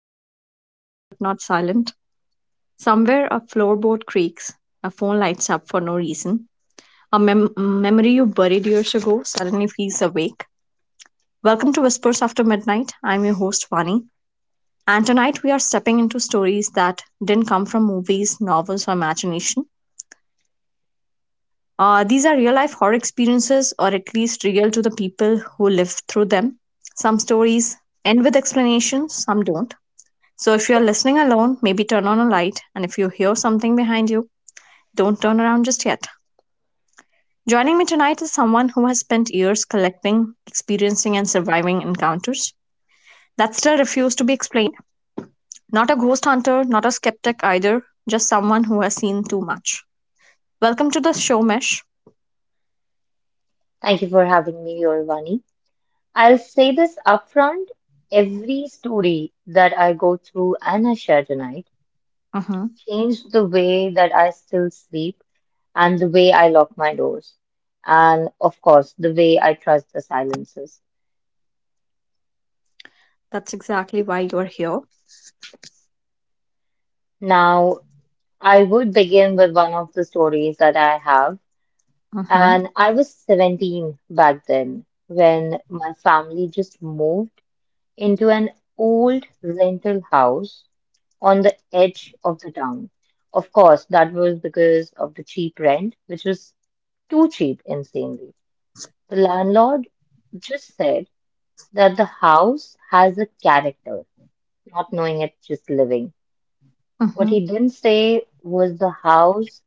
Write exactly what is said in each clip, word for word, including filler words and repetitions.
The world is quiet but not silent. Somewhere a floorboard creaks. A phone lights up for no reason. A mem- memory you buried years ago suddenly feels awake. Welcome to Whispers After Midnight. I'm your host, Vani. And tonight we are stepping into stories that didn't come from movies, novels, or imagination. Uh, these are real life horror experiences, or at least real to the people who live through them. Some stories end with explanations, some don't So if you are listening alone, maybe turn on a light, and if you hear something behind you, don't turn around just yet. Joining me tonight is someone who has spent years collecting, experiencing, and surviving encounters that still refuse to be explained. Not a ghost hunter, not a skeptic either, just someone who has seen too much. Welcome to the show, Mesh. Thank you for having me here, Vani. I'll say this upfront. Every story that I go through and I share tonight Mm-hmm. changed the way that I still sleep and the way I lock my doors. And of course, the way I trust the silences. That's exactly why you're here. Now, I would begin with one of the stories that I have. Mm-hmm. And I was seventeen back then when my family just moved into an old rental house on the edge of the town. Of course, that was because of the cheap rent, which was too cheap, insanely. The landlord just said that the house has a character, not knowing it, just living. What Mm-hmm. he didn't say was the house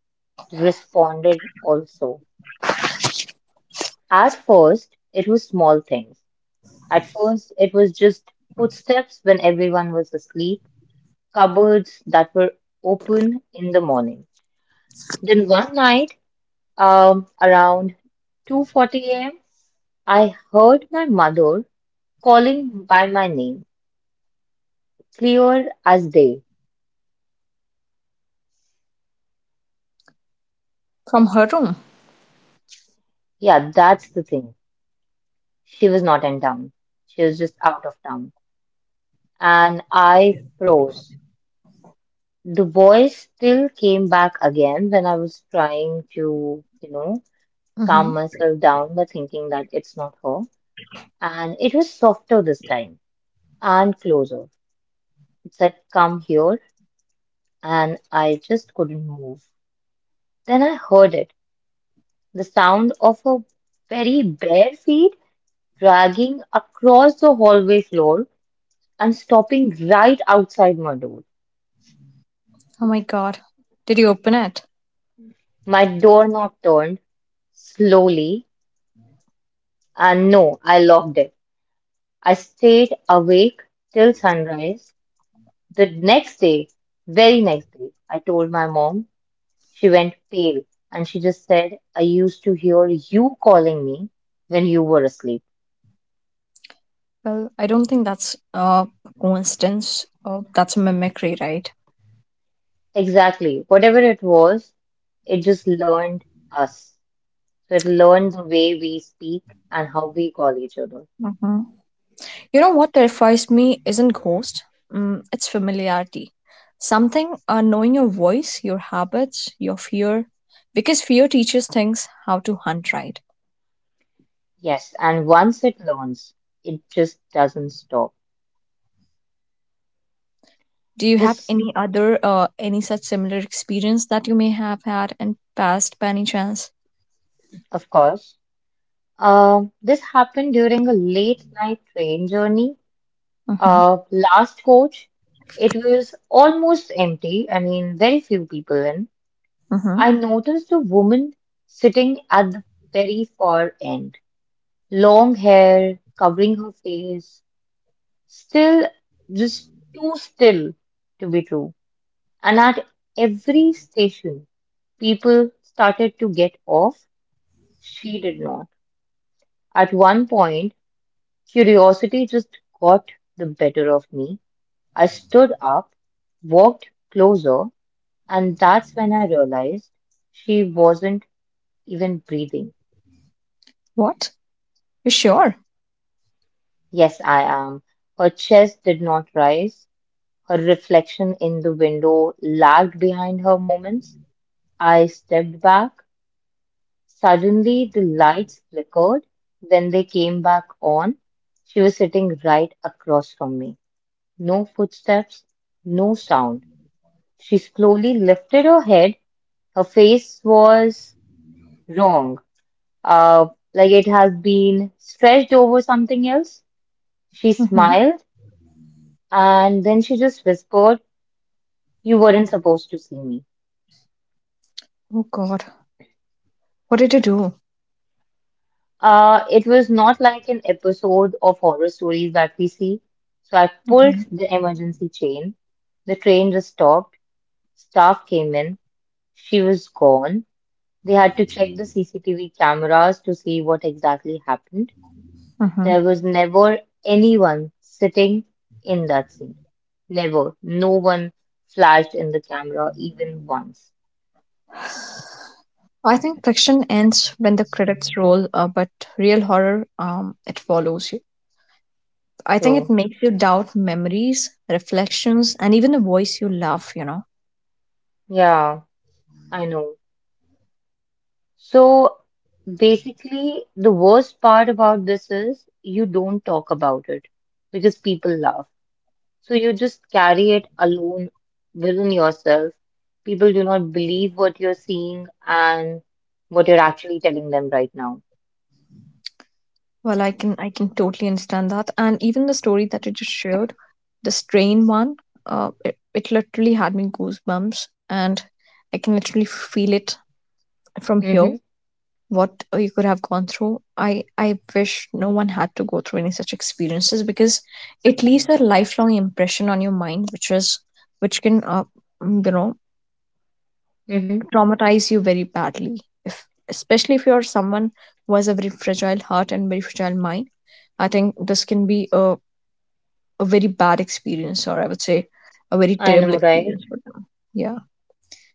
responded also. At first, it was small things. At first, it was just footsteps when everyone was asleep, cupboards that were open in the morning. Then one night, Um, around two forty a m, I heard my mother calling by my name, clear as day. From her room. Yeah, that's the thing. She was not in town. She was just out of town. And I froze. The voice still came back again when I was trying to, you know, calm Mm-hmm. myself down by thinking that it's not her. And it was softer this time and closer. It said, Come here. And I just couldn't move. Then I heard it, the sound of her very bare feet dragging across the hallway floor and stopping right outside my door. Oh my god. Did you open it? My doorknob turned slowly, and no, I locked it. I stayed awake till sunrise. The next day, very next day, I told my mom. She went pale and she just said, I used to hear you calling me when you were asleep. Well, I don't think that's a coincidence. Uh, that's a mimicry, right? Exactly. Whatever it was, it just learned us. So it learned the way we speak and how we call each other. Hmm. You know what terrifies me isn't ghost. Mm, it's familiarity. Something uh, knowing your voice, your habits, your fear, because fear teaches things how to hunt right. Yes, and once it learns, it just doesn't stop. Do you have This, any other uh, any such similar experience that you may have had in past by any chance? of course, um, this happened during a late night train journey. Mm-hmm. Uh, last coach, it was almost empty. I mean, very few people in. Mm-hmm. I noticed a woman sitting at the very far end, long hair covering her face, still just too still to be true. And at every station, people started to get off. She did not. At one point, curiosity just got the better of me. I stood up, walked closer, and that's when I realized she wasn't even breathing. What? You sure? Yes, I am. Her chest did not rise. Her reflection in the window lagged behind her moments. I stepped back. Suddenly, the lights flickered. When they came back on, she was sitting right across from me. No footsteps, no sound. She slowly lifted her head. Her face was wrong, uh, like it has been stretched over something else. She Mm-hmm. smiled and then she just whispered, You weren't supposed to see me. Oh God, what did you do? Uh, it was not like an episode of horror stories that we see. So I pulled Mm-hmm. the emergency chain. The train just stopped. Staff came in. She was gone. They had to check the C C T V cameras to see what exactly happened. There was never anyone sitting in that seat. Never. No one flashed in the camera even once. I think fiction ends when the credits roll, uh, but real horror, um, it follows you. I think it So, makes you doubt memories, reflections, and even the voice you love. You know. yeah, I know. So basically, the worst part about this is you don't talk about it because people laugh. So you just carry it alone within yourself. People do not believe what you're seeing and what you're actually telling them right now. Well, I can I can totally understand that, and even the story that you just shared, the strain one, uh, it, it literally had me goosebumps, and I can literally feel it from here. Mm-hmm. What uh, you could have gone through. I, I wish no one had to go through any such experiences because it leaves a lifelong impression on your mind, which is which can uh, mm, you know Mm-hmm. traumatize you very badly. If especially if you're someone who has a very fragile heart and very fragile mind, I think this can be a, a very bad experience, or I would say a very I terrible know, right? experience for them. Yeah.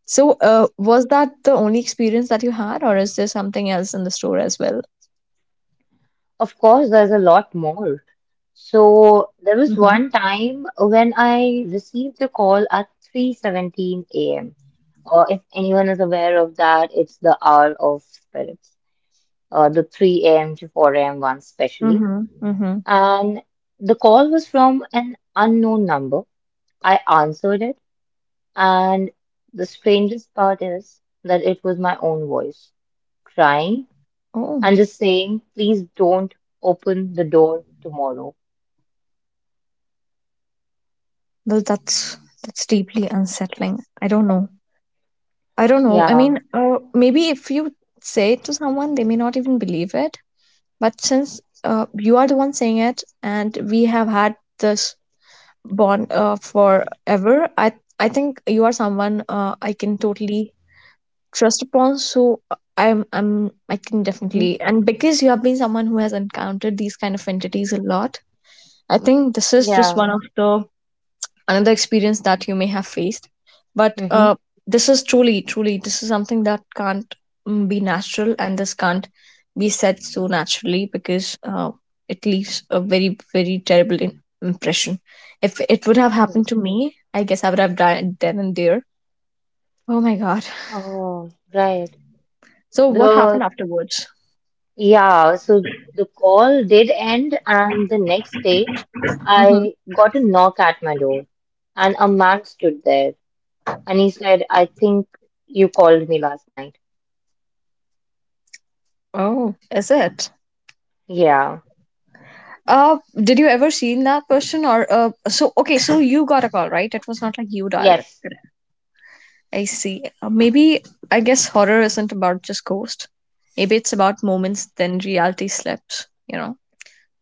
So, uh, was that the only experience that you had, or is there something else in the store as well? Of course, there's a lot more. So there was Mm-hmm. one time when I received a call at three seventeen a m. Uh, if anyone is aware of that, it's the Hour of Spirits, uh, the three a m to four a m one specially. Mm-hmm. Mm-hmm. And the call was from an unknown number. I answered it, and the strangest part is that it was my own voice crying Oh, and just saying, please don't open the door tomorrow. well, that's that's deeply unsettling. I don't know. I don't know. I Yeah. mean, uh, maybe if you say it to someone, they may not even believe it. But since uh, you are the one saying it, and we have had this bond uh, forever, I I think you are someone uh, I can totally trust upon. So uh, I'm I'm I can Hmm. definitely and because you have been someone who has encountered these kind of entities a lot, I think this is just Yeah. one of the another experience that you may have faced but Mm-hmm. uh, this is truly truly this is something that can't mm, be natural and this can't be said so naturally because uh, it leaves a very very terrible in- impression if it would have Hmm. happened to me I guess I would have died then and there oh my god Oh, right. so what happened The afterwards Yeah, so the call did end, and the next day hmm I got a knock at my door, and a man stood there, and he said, I think you called me last night. oh is it Yeah, uh did you ever seen that person or uh so okay so you got a call right it was not like you dialed it yes, I see. Uh, Maybe I guess horror isn't about just ghosts. Maybe it's about moments then reality slips, you know,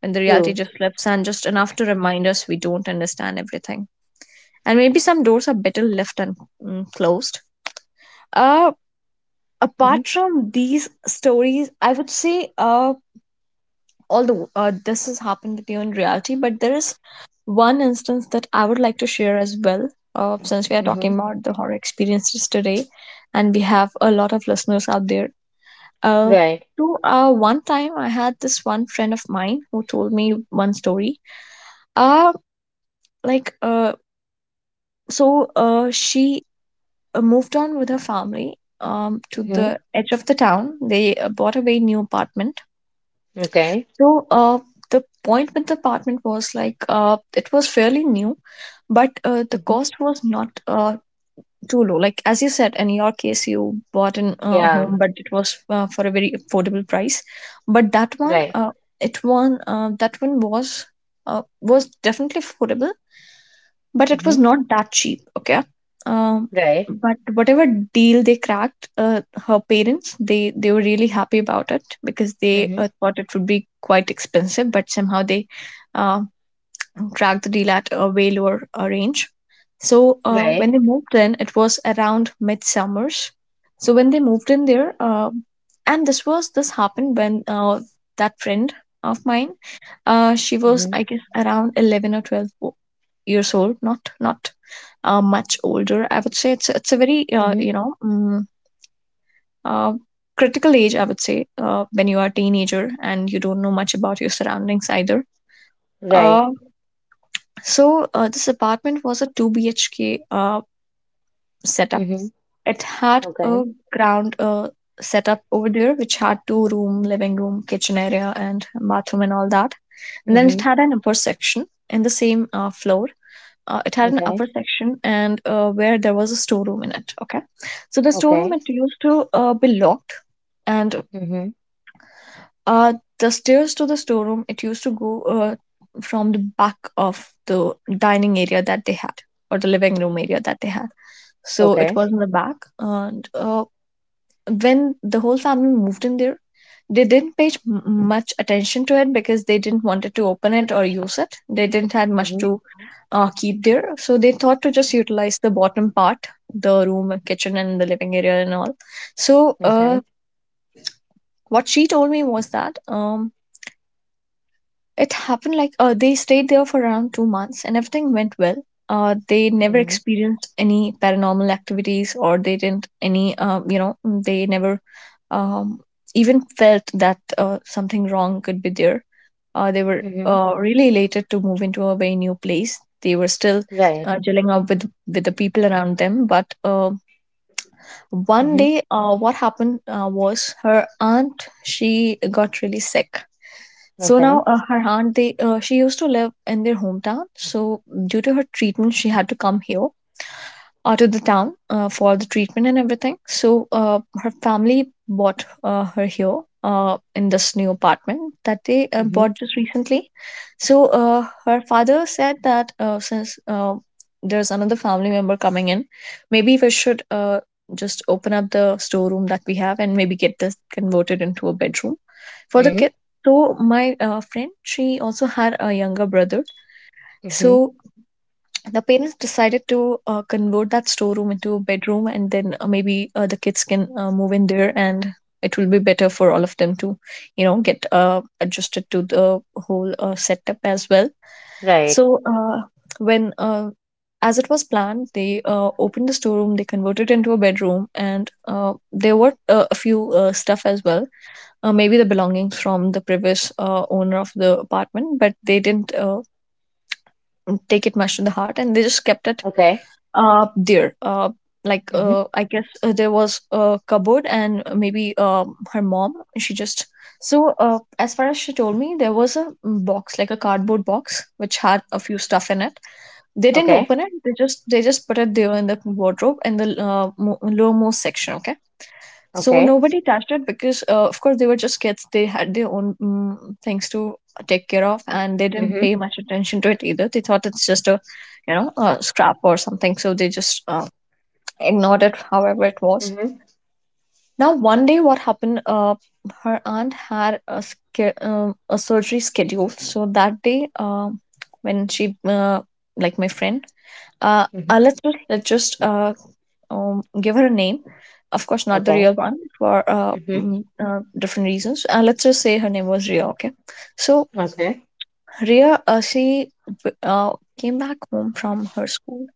when the reality true. just slips and just enough to remind us we don't understand everything. And maybe some doors are better left unclosed. Uh, Hmm. Apart from these stories, I would say uh, although uh, this has happened with you in reality, but there is one instance that I would like to share as well. Uh, since we are Hmm. talking about the horror experiences today, and we have a lot of listeners out there. Uh, Right. So, uh, one time I had this one friend of mine who told me one story. Uh, like, uh, so uh, she uh, moved on with her family um, to Hmm. the edge of the town. They uh, bought a very new apartment. Okay. So, uh, the point with the apartment was like uh, it was fairly new, but uh, the Hmm. cost was not uh, too low. Like as you said, in your case, you bought an uh, Yeah, home, but it was uh, for a very affordable price. But that one, right. uh, it one uh, that one was uh, was definitely affordable, but it Hmm. was not that cheap. Okay. Um, Right. but whatever deal they cracked, uh, her parents they they were really happy about it because they uh, Hmm. thought it would be quite expensive, but somehow they uh, track the deal at uh, Vellore uh, range. So uh, Right. when they moved in, it was around midsummers. So when they moved in there, uh, and this was this happened when uh, that friend of mine, uh, she was Hmm. I guess around eleven or twelve o- years old, not not uh, much older. I would say it's it's a very uh, Hmm. you know mm, uh, critical age. I would say uh, when you are a teenager and you don't know much about your surroundings either. Right. Uh, So uh, this apartment was a two B H K uh, setup. Hmm. It had Okay. a ground uh, setup over there, which had two room, living room, kitchen area, and bathroom and all that. And then Hmm. it had an upper section in the same uh, floor. Uh, it had an Okay. upper section and uh, where there was a storeroom in it. Okay, so the storeroom Okay. it used to uh, be locked, and Hmm. uh, the stairs to the storeroom, it used to go uh, from the back of the dining area that they had or the living room area that they had. So Okay. it was in the back. And uh, when the whole family moved in there, they didn't pay m- much attention to it because they didn't want it to open it or use it. They didn't have much Hmm. to uh, keep there. So they thought to just utilize the bottom part, the room, kitchen, and the living area and all. So uh, Okay. what she told me was that. Um, it happened like uh, they stayed there for around two months and everything went well. Uh, they never experienced any paranormal activities or they didn't any uh, you know they never um, even felt that uh, something wrong could be there. Uh, they were Hmm. uh, really elated to move into a very new place. They were still Right. uh, gelling up with with the people around them but uh, one Hmm. day, uh, what happened uh, was her aunt, she got really sick. So Okay. now uh, her aunt, they uh, she used to live in their hometown. So due to her treatment, she had to come here uh, to the town uh, for the treatment and everything. So uh, her family bought uh, her here uh, in this new apartment that they uh, Hmm. bought just recently. So uh, her father said that uh, since uh, there's another family member coming in, maybe we should uh, just open up the storeroom that we have and maybe get this converted into a bedroom for the Hmm. kid. So my uh, friend, she also had a younger brother. Hmm. So the parents decided to uh, convert that storeroom into a bedroom and then uh, maybe uh, the kids can uh, move in there and it will be better for all of them to you know get uh, adjusted to the whole uh, setup as well. Right. So uh, when uh, as it was planned they uh, opened the storeroom. They converted it into a bedroom and uh, there were uh, a few uh, stuff as well, uh, maybe the belongings from the previous uh, owner of the apartment, but they didn't uh, take it much to the heart and they just kept it Okay. uh there uh like Hmm. Uh i guess uh, there was a cupboard and maybe um her mom she just. So uh as far as she told me, there was a box, like a cardboard box, which had a few stuff in it. They didn't Okay. open it. They just they just put it there in the wardrobe in the uh, mo- lowermost section. Okay, so Okay. nobody touched it because, uh, of course, they were just kids. They had their own mm things to take care of, and they didn't Hmm. pay much attention to it either. They thought it's just a, you know, a scrap or something. So they just uh, ignored it, however it was. Hmm. Now, one day, what happened? Uh, her aunt had a, sca- uh, a surgery scheduled. So that day, uh, when she, uh, like my friend, uh, uh, Hmm. let's just, let's just uh, um, give her a name. Of course, not the Okay. real one for uh, Hmm. mm, uh, different reasons. Uh, let's just say her name was Ria. Okay, so Okay. Ria, uh, she w- uh, came back home from her school,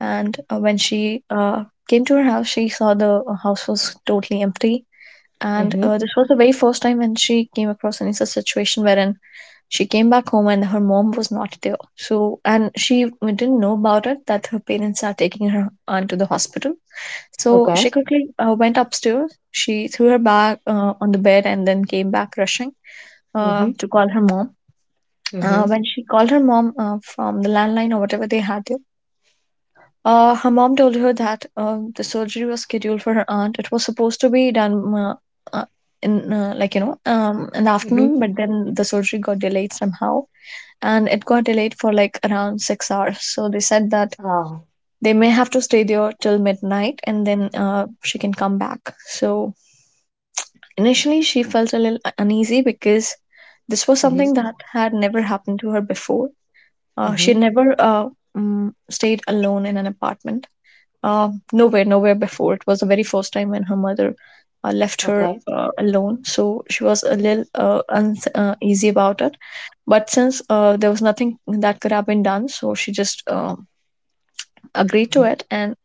and uh, when she uh, came to her house, she saw the uh, house was totally empty. And Hmm. uh, this was the very first time when she came across any such situation wherein she came back home and her mom was not there. So, and she didn't know about it that her parents are taking her aunt to the hospital. So Okay. she quickly uh, went upstairs. She threw her bag uh, on the bed and then came back rushing uh, Hmm. to call her mom. Hmm. Uh, when she called her mom uh, from the landline or whatever they had there, uh, her mom told her that uh, the surgery was scheduled for her aunt. It was supposed to be done uh, uh, in uh, like you know um, in the afternoon, Hmm. but then the surgery got delayed somehow, and it got delayed for like around six hours. So they said that Oh. they may have to stay there till midnight, and then uh, she can come back. So initially, she felt a little uneasy because this was Hmm. something that had never happened to her before. Uh, she Hmm. never uh, mm, stayed alone in an apartment. Uh, nowhere, nowhere before. It was the very first time when her mother uh, left her Okay. uh, alone. So she was a little uh, uneasy uh, easy about it. But since uh, there was nothing that could have been done, so she just uh, agreed to Hmm. it. And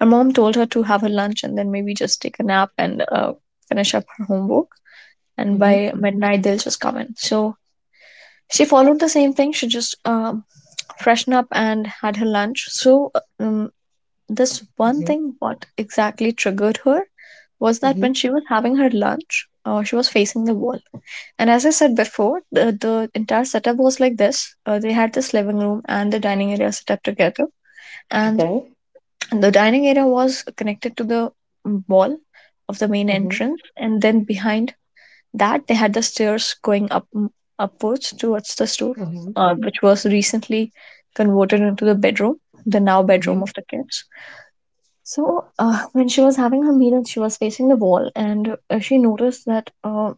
her mom told her to have her lunch and then maybe just take a nap and uh, finish up her homework. And Hmm. by midnight, they'll just come in. So she followed the same thing. She just um freshened up and had her lunch. So, um, this one Hmm. Hmm. thing, what exactly triggered her was that when she was having her lunch, uh, she was facing the wall. And as I said before, the, the entire setup was like this. Uh, they had this living room and the dining area set up together. And Okay. the dining area was connected to the wall of the main Hmm. entrance. And then behind that they had the stairs going up upwards towards the store, Hmm. uh, which was recently converted into the bedroom, the now bedroom Hmm. of the kids. So, uh, when she was having her meal, she was facing the wall, and uh, she noticed that uh,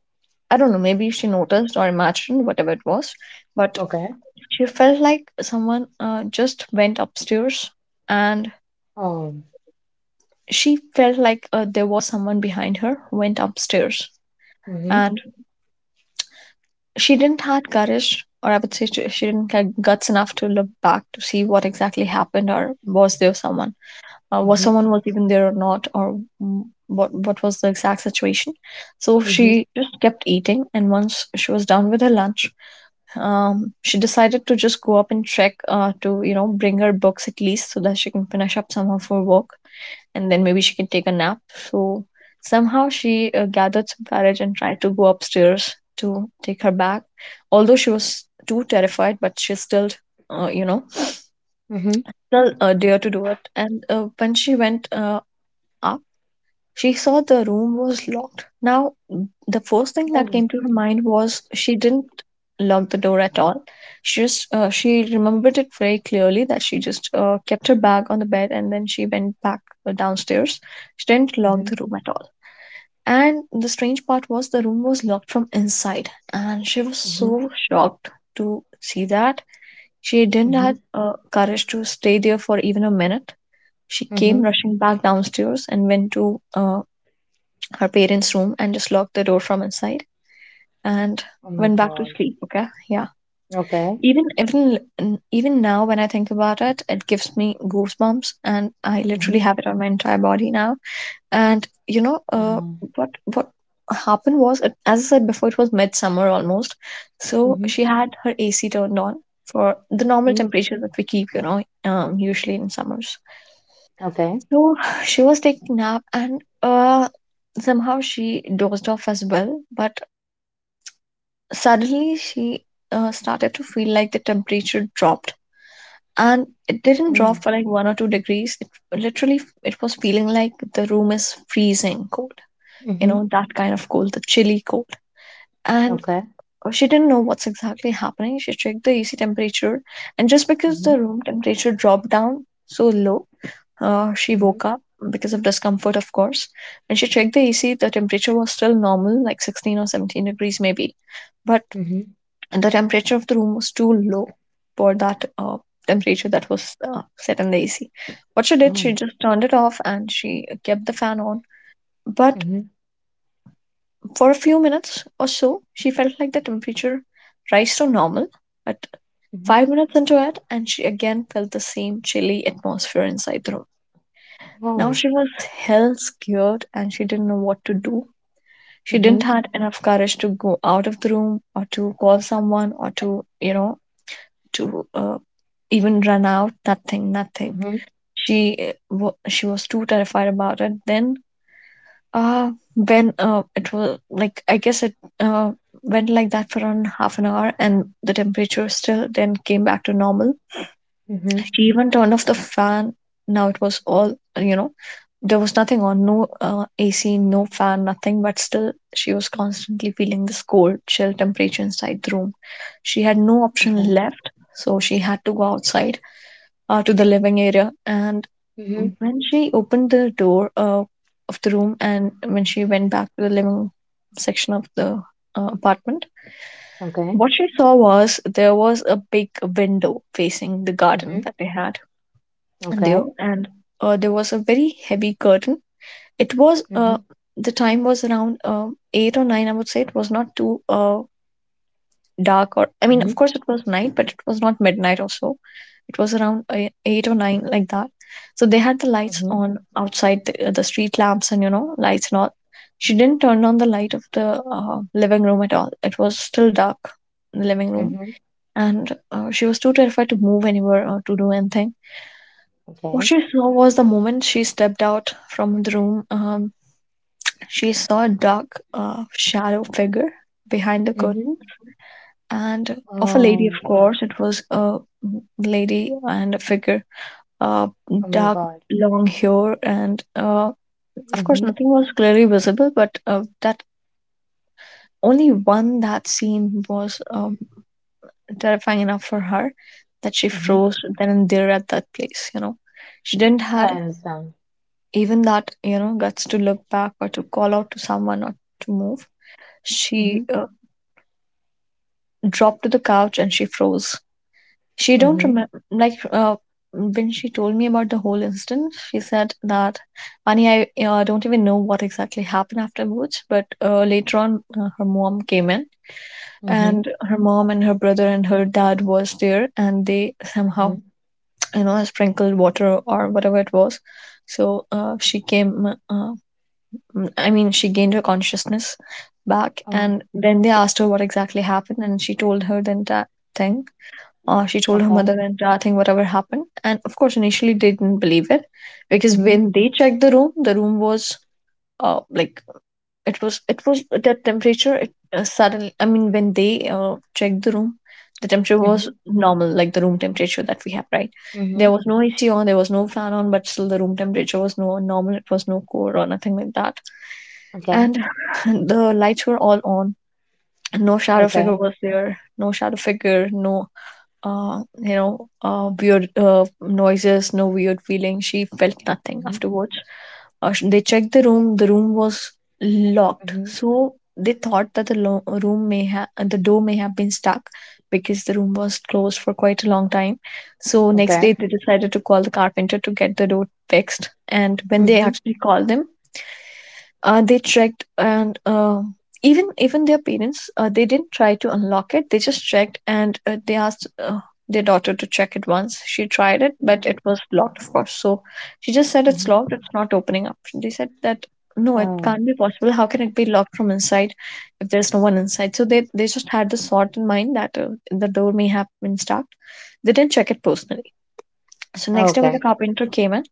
I don't know, maybe she noticed or imagined whatever it was, but Okay. she felt like someone uh, just went upstairs, and Um. she felt like uh, there was someone behind her went upstairs, Hmm. and she didn't had courage, or I would say she she didn't have guts enough to look back to see what exactly happened, or was there someone, uh, was Hmm. someone was even there or not, or mm, what what was the exact situation. So Hmm. she just kept eating, and once she was done with her lunch, um, she decided to just go up and trek. Uh, to you know bring her books at least so that she can finish up some of her work and then maybe she can take a nap. So somehow she uh, gathered some courage and tried to go upstairs to take her back. Although she was too terrified, but she still uh, you know Hmm. still uh, dare to do it. And uh, when she went uh, up, she saw the room was locked. Now, m- the first thing that Oh. came to her mind was she didn't lock the door at all. She just uh, she remembered it very clearly that she just uh, kept her bag on the bed and then she went back uh, downstairs. She didn't lock the Hmm. room at all. And the strange part was the room was locked from inside, and she was Hmm. so shocked to see that. She didn't Hmm. have uh, courage to stay there for even a minute. She came Hmm. rushing back downstairs and went to uh, her parents' room and just locked the door from inside and Oh my went back to God. sleep. Okay, yeah. Okay. Even even even now, when I think about it, it gives me goosebumps, and I literally have it on my entire body now. And you know, uh, Hmm. what what happened was, it, as I said before, it was midsummer almost. So Mhm. she had her A C turned on for the normal Mhm. temperature that we keep, you know, um, usually in summers. Okay. So she was taking nap and uh, somehow she dozed off as well. But suddenly she uh, started to feel like the temperature dropped. And it didn't drop Oh. for like one or two degrees. It literally it was feeling like the room is freezing cold. You Mhm. know, that kind of cold, the chilly cold. And Okay. uh, she didn't know what's exactly happening. She checked the A C temperature, and just because the Mhm. room temperature dropped down so low, Uh, she woke Mhm. up because of discomfort, of course. When she checked the A C, the temperature was still normal, like sixteen or seventeen degrees maybe. But Mhm. the temperature of the room was too low for that uh, temperature that was uh, set in the A C. What she did, she Oh. just turned it off and she kept the fan on. But Mhm. for a few minutes or so, she felt like the temperature rise to normal. But Mhm. five minutes into it, and she again felt the same chilly atmosphere inside the room. Now she Oh. was hell scared and she didn't know what to do. She didn't Mhm. had enough courage to go out of the room or to call someone or to, you know, to uh, even run out. Nothing, nothing. Mhm. She uh, she was too terrified about it. Then, uh, when uh, it was like I guess it uh, went like that for around half an hour, and the temperature still then came back to normal. Mhm. She even turned off the fan. Now it was all, you know, there was nothing on, no uh, A C, no fan, nothing, but still she was constantly feeling this cold, chill temperature inside the room. She had no option Okay. left, so she had to go outside uh, to the living area. And Mhm. when she opened the door uh, of the room and when she went back to the living section of the uh, apartment, Okay. what she saw was there was a big window facing the garden Mhm. that they had. And there, Okay. and uh, there was a very heavy curtain. It was uh, Mhm. The time was around uh, eight or nine, I would say. It was not too uh, dark, or I mean of Mhm. course it was night, but it was not midnight or so. It was around uh, eight or nine, like that. So they had the lights Mhm. on outside, the, uh, the street lamps and you know lights and all. She didn't turn on the light of the uh, living room at all. It was still dark in the living room. Mhm. And uh, she was too terrified to move anywhere or to do anything. What Okay. she saw was the moment she stepped out from the room, um, she saw a dark, uh, shadow figure behind the Mhm. curtain, and of a lady, of Oh. course. It was a lady and a figure, uh, Oh my dark, God. long hair, and uh, of course, Mhm. nothing was clearly visible, but uh, that only one that scene was um, terrifying enough for her that she Mhm. froze then and there at that place, you know. She didn't I had understand. even that you know guts to look back or to call out to someone or to move. She Mhm. uh, dropped to the couch and she froze. She don't Mhm. remember like uh, when she told me about the whole incident. She said that, Ani, I uh, don't even know what exactly happened afterwards, but uh, later on uh, her mom came in, Mhm. and her mom and her brother and her dad was there, and they somehow Mhm. you know sprinkled water or whatever it was. So uh, she came uh, Mm, I mean, she gained her consciousness back, Oh. and then they asked her what exactly happened, and she told her the entire thing. Uh, she told her Okay. mother the entire thing, whatever happened. And of course, initially, they didn't believe it because Mhm. when they checked the room, the room was uh, like it was it was the temperature. It uh, suddenly I mean, when they uh, checked the room, the temperature was Mhm. normal, like the room temperature that we have, right? There Mhm. was no AC on, there was no fan on, but still the room temperature was no normal. It was no cold or nothing like that. Okay. And the lights were all on. No shadow figure Okay. was there, no shadow figure, no uh you know uh weird uh, noises, no weird feeling. She felt nothing Mhm. afterwards. Uh, sh- they checked the room, the room was locked, Mhm. so they thought that the lo- room may have the door may have been stuck because the room was closed for quite a long time. So next day Okay. they decided to call the carpenter to get the door fixed, and when they Mhm. actually called them, uh, they checked, and uh, even even their parents, uh, they didn't try to unlock it. They just checked, and uh, they asked uh, their daughter to check it once. She tried it, but Mhm. it was locked, of course. So she just said, it's Mm-hmm. locked, it's not opening up. They said that no, it Oh, can't be possible, how can it be locked from inside if there's no one inside? So they they just had this thought in mind that uh, the door may have been stuck. They didn't check it personally. So next day when the okay. carpenter came in,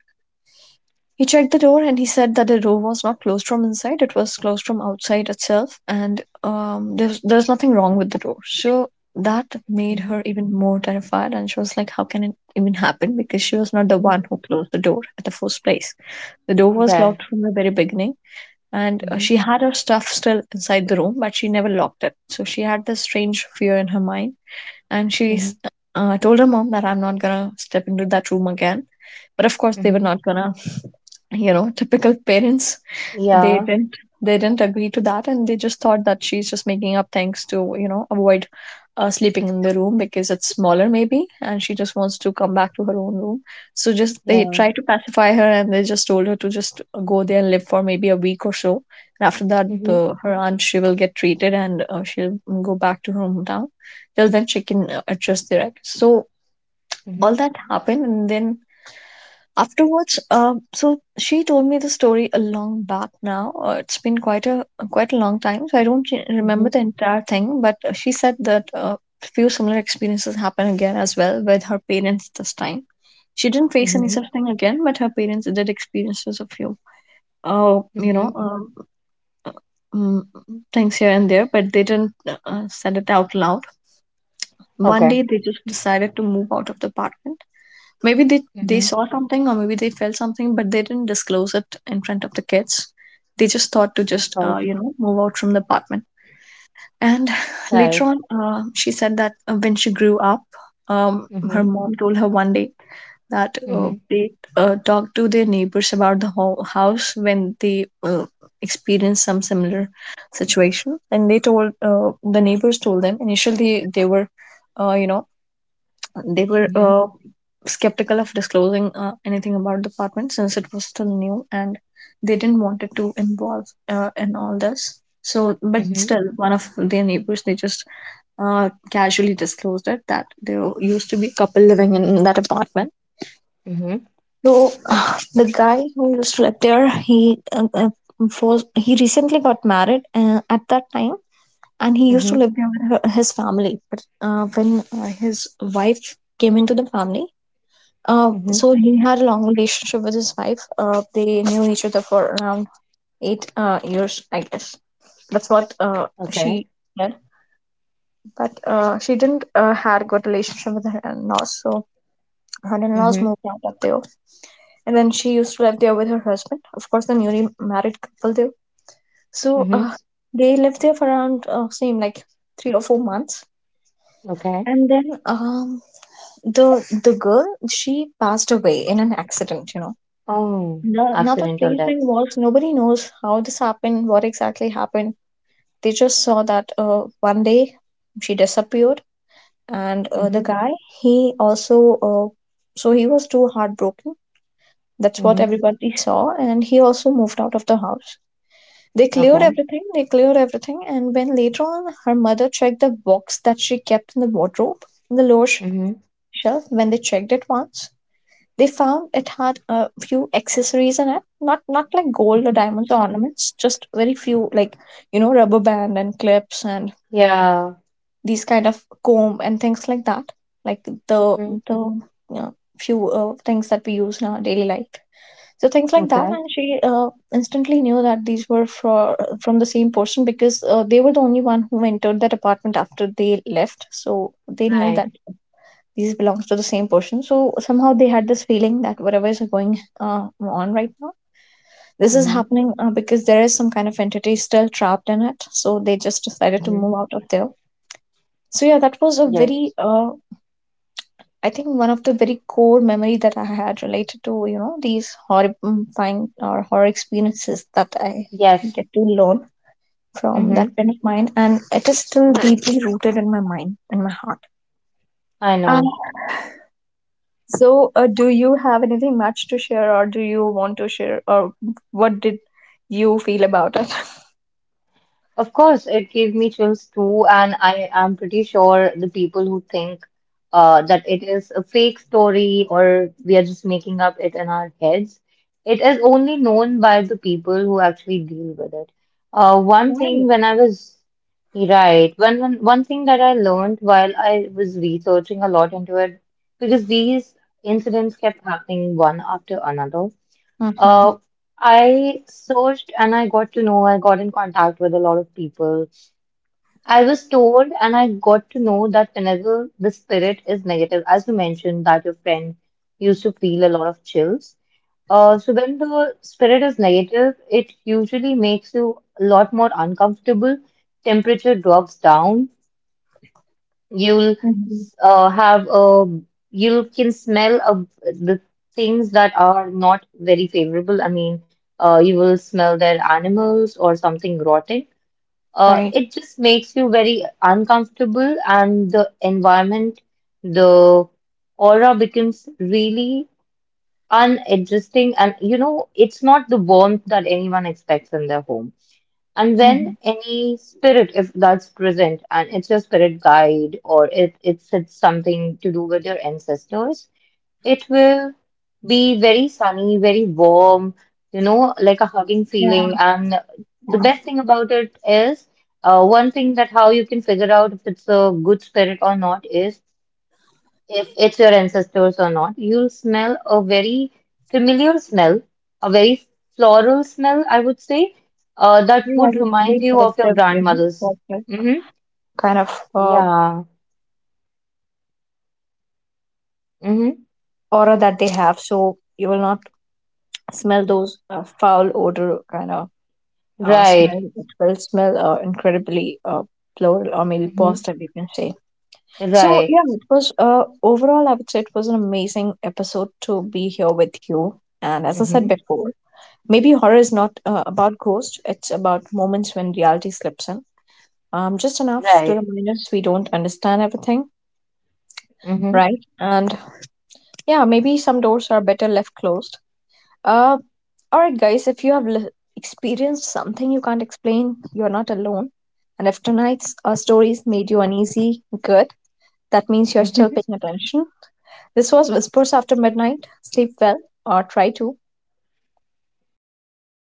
he checked the door and he said that the door was not closed from inside, it was closed from outside itself, and um, there's, there's nothing wrong with the door. So that made Mm-hmm. her even more terrified, and she was like, how can it even happen? Because she was not the one Mm-hmm. who closed the door at the first place. The door was Good. locked from the very beginning, and uh, Mm-hmm. she had her stuff still inside the room, but she never locked it. So she had this strange fear in her mind, and she Mm-hmm. uh, told her mom that I'm not gonna step into that room again. But of course, they were Mm-hmm. not gonna, you know typical parents, they Yeah. didn't they didn't agree to that. And they just thought that she's just making up things to you know avoid uh, sleeping in the room because it's smaller maybe, and she just wants to come back to her own room. So just they Yeah. tried to pacify her, and they just told her to just go there and live for maybe a week or so. And after that, Mm-hmm. the, her aunt, she will get treated, and uh, she'll go back to her hometown. Till then, she can uh, adjust there. So Mm-hmm. all that happened, and then afterwards, um, so she told me the story a long back now. Uh, it's been quite a quite a long time, so I don't re- Mm-hmm. remember the entire thing. But uh, she said that a few similar experiences happen again as well, with her parents this time. She didn't face any Mm-hmm. such thing again, but her parents did experiences a few, uh, you Mm-hmm. know, um, mm, things here and there, but they didn't uh, uh, said it out loud. One day, Okay. they just decided to move out of the apartment. Maybe they they Mm-hmm. saw something, or maybe they felt something, but they didn't disclose it in front of the kids. They just thought to Of just uh, course. you know move out from the apartment. And later Right. on, uh, she said that uh, when she grew up, um, her Mm-hmm. mom told her one day that uh, Mm-hmm. they uh, talked to their neighbors about the whole house when they uh, experienced some similar situation, and they told uh, the neighbors told them initially they were uh, you know they were Mm-hmm. uh, skeptical of disclosing uh, anything about the apartment since it was still new, and they didn't want it to involve uh, in all this. So, but Mm-hmm. still, one of their neighbors, they just uh, casually disclosed it that there used to be a couple living in that apartment. Mm-hmm. So uh, the guy who used to live there, he uh, uh, was he recently got married uh, at that time, and he used to Mm-hmm. live there with her, his family. But uh, when uh, his wife came into the family, uh, Mm-hmm. so he had a long relationship with his wife. Uh, they knew each other for around eight uh, years, I guess. That's what uh, she Okay. said. But uh, she didn't uh, had good relationship with her in-laws, so her in-laws Mm-hmm. moved out of there. And then she used to live there with her husband. Of course, the newly married couple there. So uh, Mm-hmm. they lived there for around uh, same like three or four months. Okay. And then um, the the girl, she passed away in an accident. You know, Oh, no, another accidental strange thing deaths. was nobody knows how this happened, what exactly happened. They just saw that uh, one day she disappeared, and uh, the Mm-hmm. guy, he also uh, so he was too heartbroken. That's what Mm-hmm. everybody saw, and he also moved out of the house. They cleared Okay. everything. They cleared everything, and when later on her mother checked the box that she kept in the wardrobe, in the lower sh- Mm-hmm. shelf, when they checked it once, they found it had a few accessories in it, not not like gold or Mm-hmm. diamonds or ornaments, just very few like, you know rubber band and clips and Yeah. these kind of comb and things like that, like the Mm-hmm. the uh, few uh, things that we use in our daily life. So things like that, Okay. and she uh, instantly knew that these were for, from the same person because uh, they were the only one who entered that apartment after they left. So they knew that Right. these belongs to the same person, so somehow they had this feeling that whatever is going uh, on right now, this is Mm-hmm. happening uh, because there is some kind of entity still trapped in it. So they just decided to Mm-hmm. move out of there. So yeah, that was a very, Yes. uh, I think, one of the very core memory that I had related to, you know, these horrifying or horror experiences that I Yes. get to learn from that pen of mine, and it is still deeply rooted in my mind, in my heart. I Um, know. So, uh, do you have anything much to share, or do you want to share, or what did you feel about it? Of course, it gave me chills too, and I am pretty sure the people who think uh, that it is a fake story or we are just making up it in our heads, it is only known by the people who actually deal with it. Uh, one thing Right. when I was right, one one one thing that I learned while I was researching a lot into it, because these incidents kept happening one after another. Mm-hmm. Uh, I searched and I got to know, I got in contact with a lot of people. I was told and I got to know that whenever the spirit is negative, as you mentioned, that your friend used to feel a lot of chills. Uh, so when the spirit is negative, it usually makes you a lot more uncomfortable. Temperature drops down. You'll Mm-hmm. uh, have a you can smell of the things that are not very favorable. I mean, uh, you will smell their animals or something rotting. Uh, Right. it just makes you very uncomfortable, and the environment, the aura becomes really unadjusting. And you know, it's not the warmth that anyone expects in their home. And Hmm. when any spirit, if that's present, and it's your spirit guide or it, it's, it's something to do with your ancestors, it will be very sunny, very warm, you know, like a hugging feeling. Yeah. And the Yeah. best thing about it is, uh, one thing that how you can figure out if it's a good spirit or not is if it's your ancestors or not, you'll smell a very familiar smell, a very floral smell, I would say, uh, that You would have a remind very you of your positive, you know, grandmother's. positive Mm-hmm. kind of uh, Yeah. Mm-hmm. aura that they have, so you will not smell those uh, foul odor kind of uh, smell. Right. It will smell uh, incredibly uh, floral, or maybe Mm-hmm. positive, you can say. So Right. yeah, it was uh overall I would say it was an amazing episode to be here with you. And as I said Mm-hmm. before, maybe horror is not uh, about ghosts; it's about moments when reality slips in. Um, just enough to Right. remind us we don't understand everything, Mm-hmm. right? And yeah, maybe some doors are better left closed. Uh, all right, guys, if you have li- experienced something you can't explain, you're not alone. And if tonight's uh, stories made you uneasy, good. That means you're still paying attention. This was Whispers After Midnight. Sleep well, or try to.